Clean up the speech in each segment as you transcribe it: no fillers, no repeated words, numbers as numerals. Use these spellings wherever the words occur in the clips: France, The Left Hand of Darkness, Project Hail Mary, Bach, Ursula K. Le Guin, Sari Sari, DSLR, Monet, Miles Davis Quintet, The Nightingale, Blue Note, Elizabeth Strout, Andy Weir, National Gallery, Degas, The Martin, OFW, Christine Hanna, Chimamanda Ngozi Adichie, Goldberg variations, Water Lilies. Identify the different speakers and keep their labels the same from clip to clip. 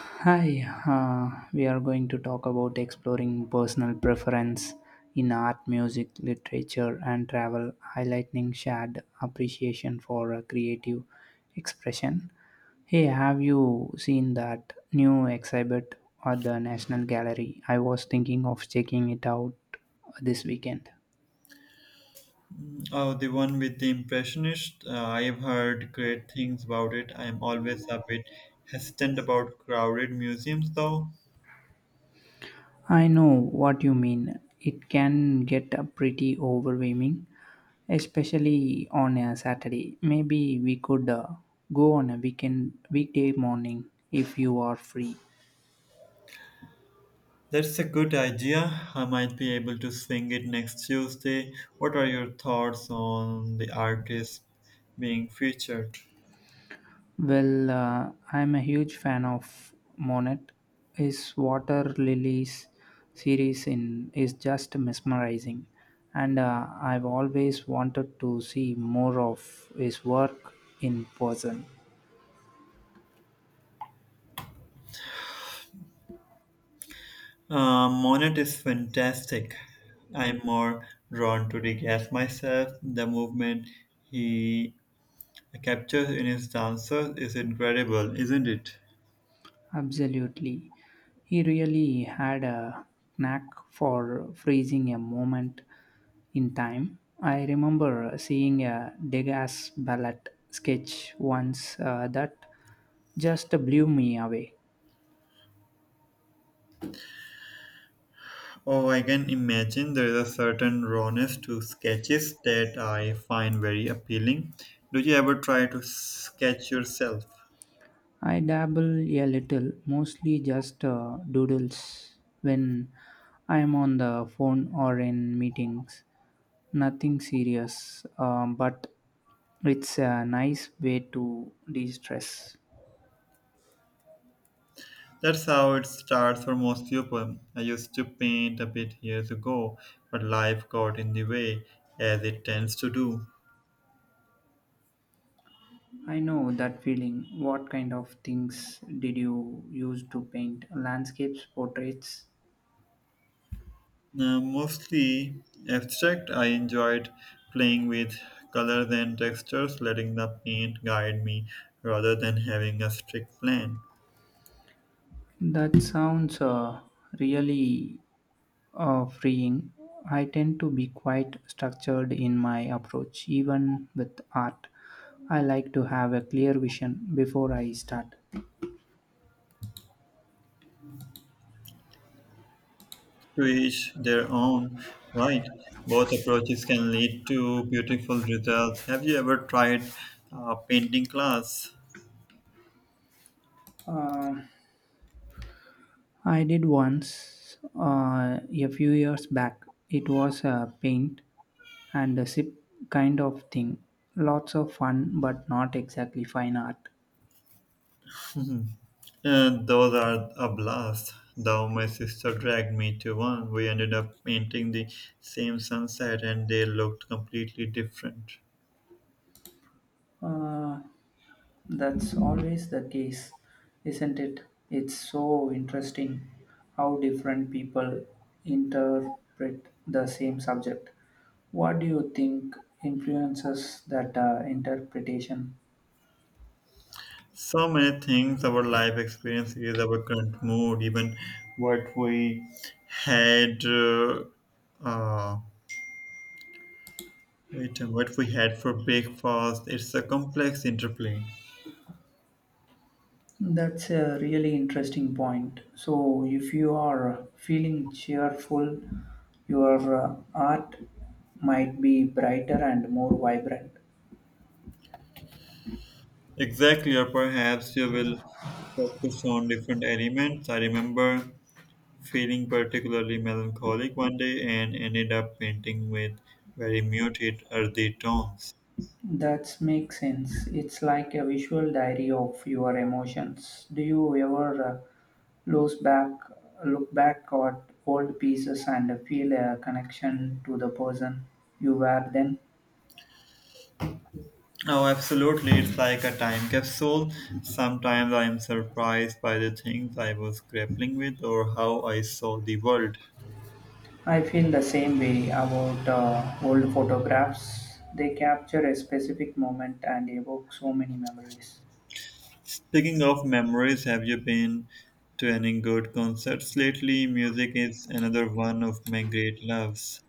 Speaker 1: Hi, we are going to talk about exploring personal preference in art, music, literature, and travel, highlighting shared appreciation for creative expression. Hey, have you seen that new exhibit at the National Gallery? I was thinking of checking it out this weekend.
Speaker 2: Oh, the one with the impressionist. I've heard great things about it. I'm always a bit hesitant about crowded museums, though.
Speaker 1: I know what you mean. It can get pretty overwhelming, especially on a Saturday. Maybe we could go on a weekend weekday morning if you are free.
Speaker 2: That's a good idea. I might be able to sing it next Tuesday. What are your thoughts on the artist being featured?
Speaker 1: Well, I'm a huge fan of Monet. His Water Lilies series in is just mesmerizing, and I've always wanted to see more of his work in person.
Speaker 2: Monet is fantastic. I'm more drawn to the gas myself. The movement he captures in his dances is incredible, isn't it?
Speaker 1: Absolutely. He really had a knack for freezing a moment in time. I remember seeing a Degas ballet sketch once that just blew me away.
Speaker 2: Oh, I can imagine there is a certain rawness to sketches that I find very appealing. Do you ever try to sketch yourself?
Speaker 1: I dabble a little, mostly just doodles when I am on the phone or in meetings. Nothing serious, but it's a nice way to de stress.
Speaker 2: That's how it starts for most people. I used to paint a bit years ago, but life got in the way, as it tends to do.
Speaker 1: I know that feeling. What kind of things did you use to paint? Landscapes, portraits?
Speaker 2: Now, mostly abstract, I enjoyed playing with colors and textures, letting the paint guide me rather than having a strict plan.
Speaker 1: That sounds really freeing. I tend to be quite structured in my approach, even with art. I like to have a clear vision before I start.
Speaker 2: To each their own, right? Both approaches can lead to beautiful results. Have you ever tried painting class?
Speaker 1: Um I did once a few years back. It was a paint and a sip kind of thing. Lots of fun, but not exactly fine art.
Speaker 2: Mhm. And those are a blast. Though my sister dragged me to one, we ended up painting the same sunset and they looked completely different.
Speaker 1: Uh, That's always the case, isn't it? It's so interesting how different people interpret the same subject. What do you think influences that interpretation?
Speaker 2: So many things our life experiences, our current mood, even what we had uh, Wait, and what we had for breakfast, it's a complex interplay.
Speaker 1: That's a really interesting point. So, if you are feeling cheerful, your art might be brighter and more vibrant.
Speaker 2: Exactly, or perhaps you will focus on different elements. I remember feeling particularly melancholic one day and ended up painting with very muted earthy tones.
Speaker 1: That makes sense. It's like a visual diary of your emotions. Do you ever lose back, look back at old pieces and feel a connection to the person you were then?
Speaker 2: Oh, absolutely, it's like a time capsule. Sometimes I am surprised by the things I was grappling with or how I saw the world.
Speaker 1: I feel the same way about old photographs. They capture a specific moment and evoke so many memories.
Speaker 2: Speaking of memories, have you been to any good concerts lately? Music is another one of my great loves.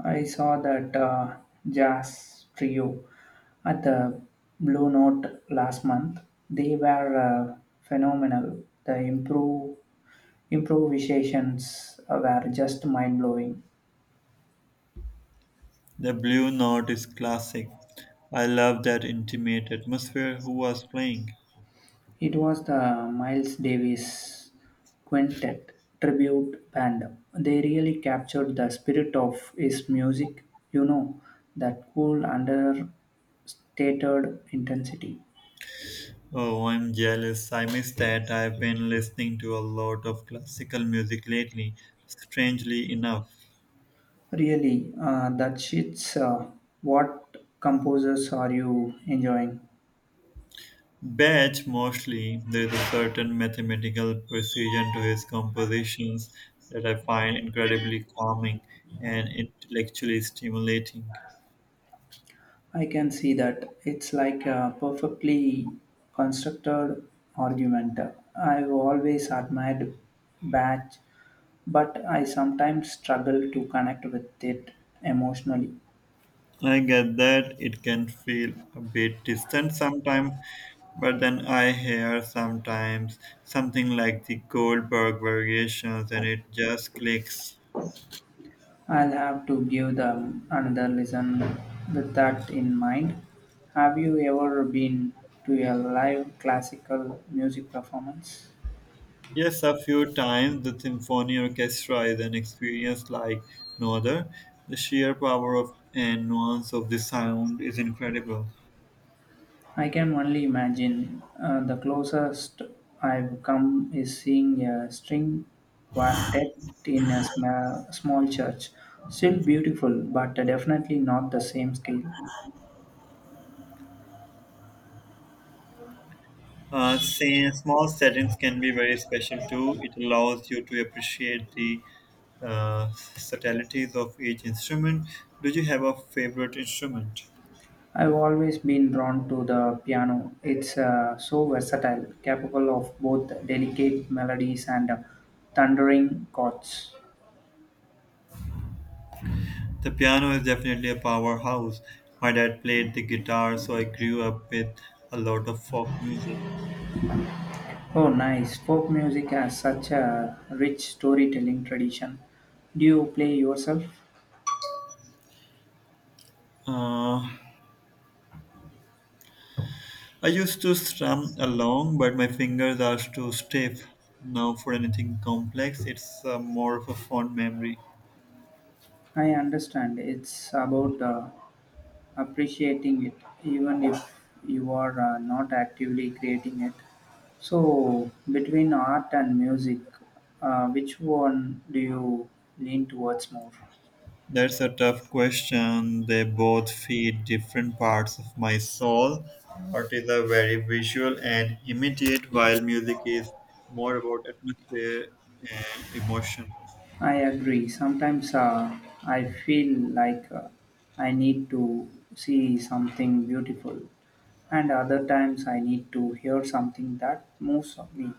Speaker 1: I saw that jazz trio at the Blue Note last month. They were phenomenal. The improvisations were just mind blowing.
Speaker 2: The Blue Note is classic. I love that intimate atmosphere. Who was playing?
Speaker 1: It was the Miles Davis Quintet tribute band. They really captured the spirit of his music, you know, that cool understated intensity.
Speaker 2: Oh, I'm jealous. I miss that. I've been listening to a lot of classical music lately, strangely enough.
Speaker 1: Really, that shit's what composers are you enjoying?
Speaker 2: Bach mostly, there is a certain mathematical precision to his compositions that I find incredibly calming and intellectually stimulating.
Speaker 1: I can see that. It's like a perfectly constructed argument. I've always admired Bach, but I sometimes struggle to connect with it emotionally.
Speaker 2: I get that it can feel a bit distant sometimes, but then I hear sometimes something like the Goldberg variations and it just clicks.
Speaker 1: I'll have to give them another listen with that in mind. Have you ever been to a live classical music performance?
Speaker 2: Yes, a few times the symphony orchestra is an experience like no other. The sheer power of and nuance of the sound is incredible.
Speaker 1: I can only imagine. The closest I've come is seeing a string quartet in a small church. Still beautiful, but definitely not the same scale.
Speaker 2: Small settings can be very special too. It allows you to appreciate the subtleties of each instrument. Do you have a favorite instrument?
Speaker 1: I've always been drawn to the piano. It's so versatile, capable of both delicate melodies and thundering chords.
Speaker 2: The piano is definitely a powerhouse. My dad played the guitar, so I grew up with a lot of folk music.
Speaker 1: Oh, nice. Folk music has such a rich storytelling tradition. Do you play yourself?
Speaker 2: Uh, I used to strum along, but my fingers are too stiff now for anything complex. It's more of a fond memory.
Speaker 1: I understand. It's about appreciating it, even if you are not actively creating it. So, between art and music, which one do you lean towards more?
Speaker 2: That's a tough question. They both feed different parts of my soul. Art is a very visual and immediate, while music is more about atmosphere and emotion.
Speaker 1: I agree. Sometimes I feel like I need to see something beautiful, and other times I need to hear something that moves me.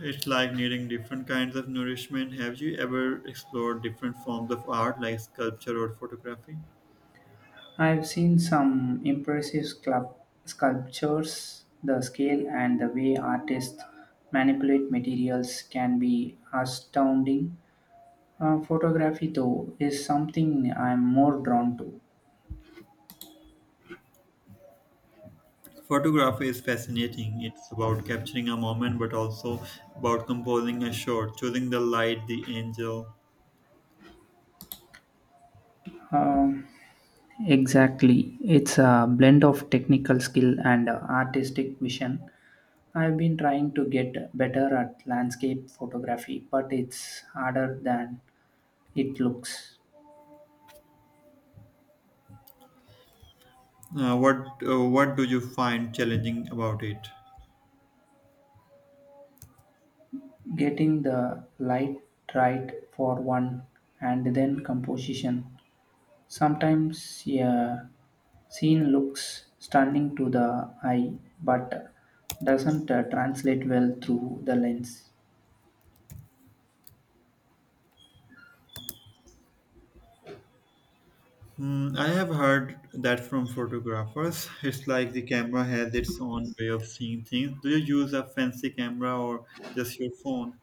Speaker 2: It's like needing different kinds of nourishment. Have you ever explored different forms of art like sculpture or photography?
Speaker 1: I've seen some impressive sculptures. The scale and the way artists manipulate materials can be astounding. Photography, though, is something I'm more drawn to.
Speaker 2: Photography is fascinating. It's about capturing a moment, but also about composing a shot, choosing the light, the angle.
Speaker 1: Um, exactly. It's a blend of technical skill and artistic vision. I've been trying to get better at landscape photography, but it's harder than it looks.
Speaker 2: What do you find challenging about it?
Speaker 1: Getting the light right for one, and then composition. Sometimes a scene looks stunning to the eye but doesn't translate well through the lens.
Speaker 2: Hmm, I have heard that from photographers. It's like the camera has its own way of seeing things. Do you use a fancy camera or just your phone?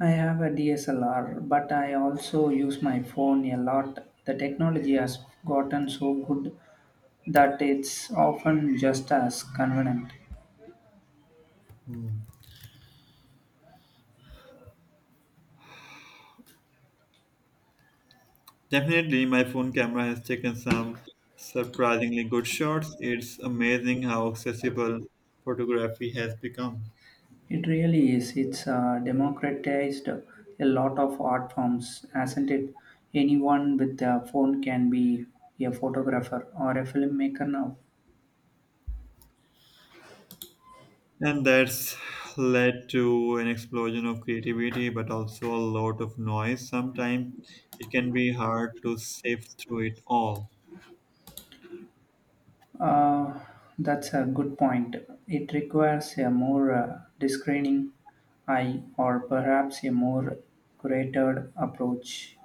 Speaker 1: I have a DSLR but I also use my phone a lot. The technology has gotten so good that it's often just as convenient.
Speaker 2: Definitely, my phone camera has taken some surprisingly good shots. It's amazing how accessible photography has become.
Speaker 1: It really is. It's democratized a lot of art forms, hasn't it? Anyone with a phone can be a photographer or a filmmaker now.
Speaker 2: And that's led to an explosion of creativity, but also a lot of noise. Sometimes it can be hard to sift through it all.
Speaker 1: Uh, that's a good point. It requires a more discerning eye, or perhaps a more curated approach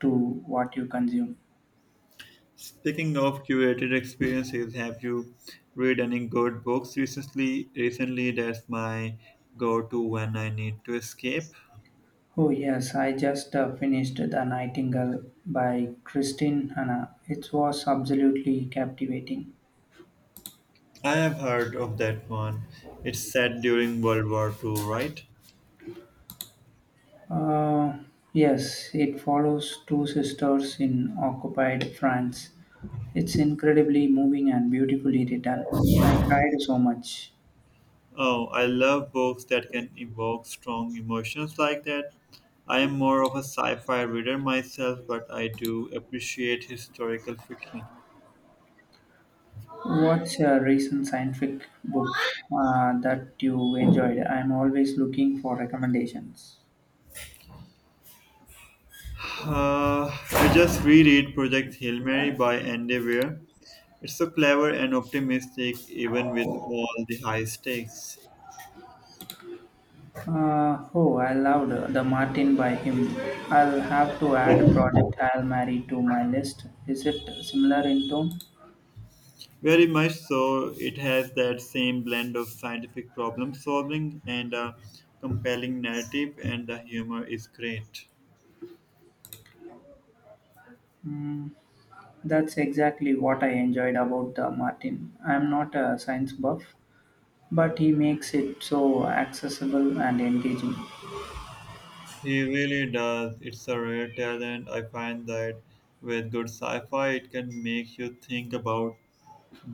Speaker 1: to what you consume.
Speaker 2: Speaking of curated experiences, have you read any good books recently? Recently, that's my go-to when I need to escape.
Speaker 1: Oh, yes, I just finished The Nightingale by Christine Hanna. It was absolutely captivating.
Speaker 2: I have heard of that one. It's set during World War II, right?
Speaker 1: Uh, yes, it follows two sisters in occupied France. It's incredibly moving and beautifully written. I cried so much.
Speaker 2: Oh, I love books that can evoke strong emotions like that. I am more of a sci fi reader myself, but I do appreciate historical fiction.
Speaker 1: What's a recent scientific book that you enjoyed? I'm always looking for recommendations.
Speaker 2: I just reread Project Hail Mary by Andy Weir. It's so clever and optimistic, even with all the high stakes.
Speaker 1: Oh, I loved The Martin by him. I'll have to add Project Hail Mary to my list. Is it similar in tone?
Speaker 2: Very much so, it has that same blend of scientific problem solving and a compelling narrative, and the humor is great.
Speaker 1: Hmm. That's exactly what I enjoyed about the Martin. I'm not a science buff, but he makes it so accessible and engaging.
Speaker 2: He really does. It's a rare talent. I find that with good sci fi, it can make you think about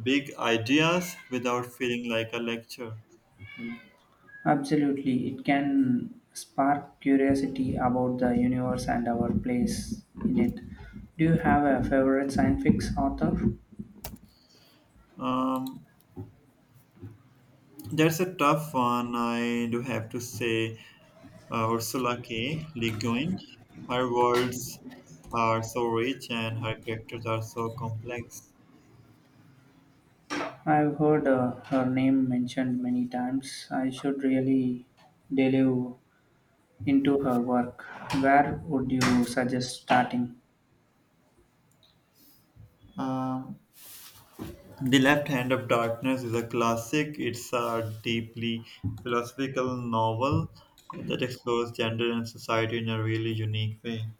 Speaker 2: big ideas without feeling like a lecture.
Speaker 1: Absolutely, it can spark curiosity about the universe and our place in it. Do you have a favorite science fiction author?
Speaker 2: Um, that's a tough one, I do have to say. Ursula K. Le Guin, her worlds are so rich and her characters are so complex.
Speaker 1: I've heard her name mentioned many times. I should really delve into her work. Where would you suggest starting?
Speaker 2: Um, The Left Hand of Darkness is a classic. It's a deeply philosophical novel that explores gender and society in a really unique way.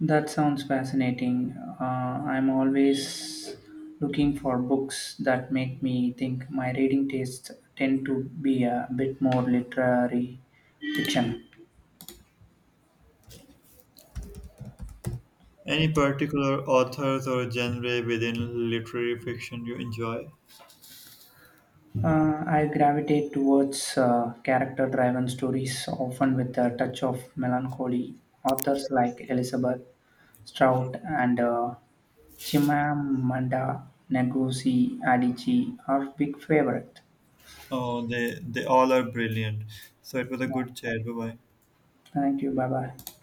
Speaker 1: That sounds fascinating. I'm always looking for books that make me think. My reading tastes tend to be a bit more literary fiction.
Speaker 2: Any particular authors or genre within literary fiction you enjoy?
Speaker 1: I gravitate towards character driven stories, often with a touch of melancholy. Authors like Elizabeth Strout and Chimamanda Ngozi Adichie are big favorites.
Speaker 2: Oh, they all are brilliant. So it was a good chat. Bye bye.
Speaker 1: Thank you. Bye bye.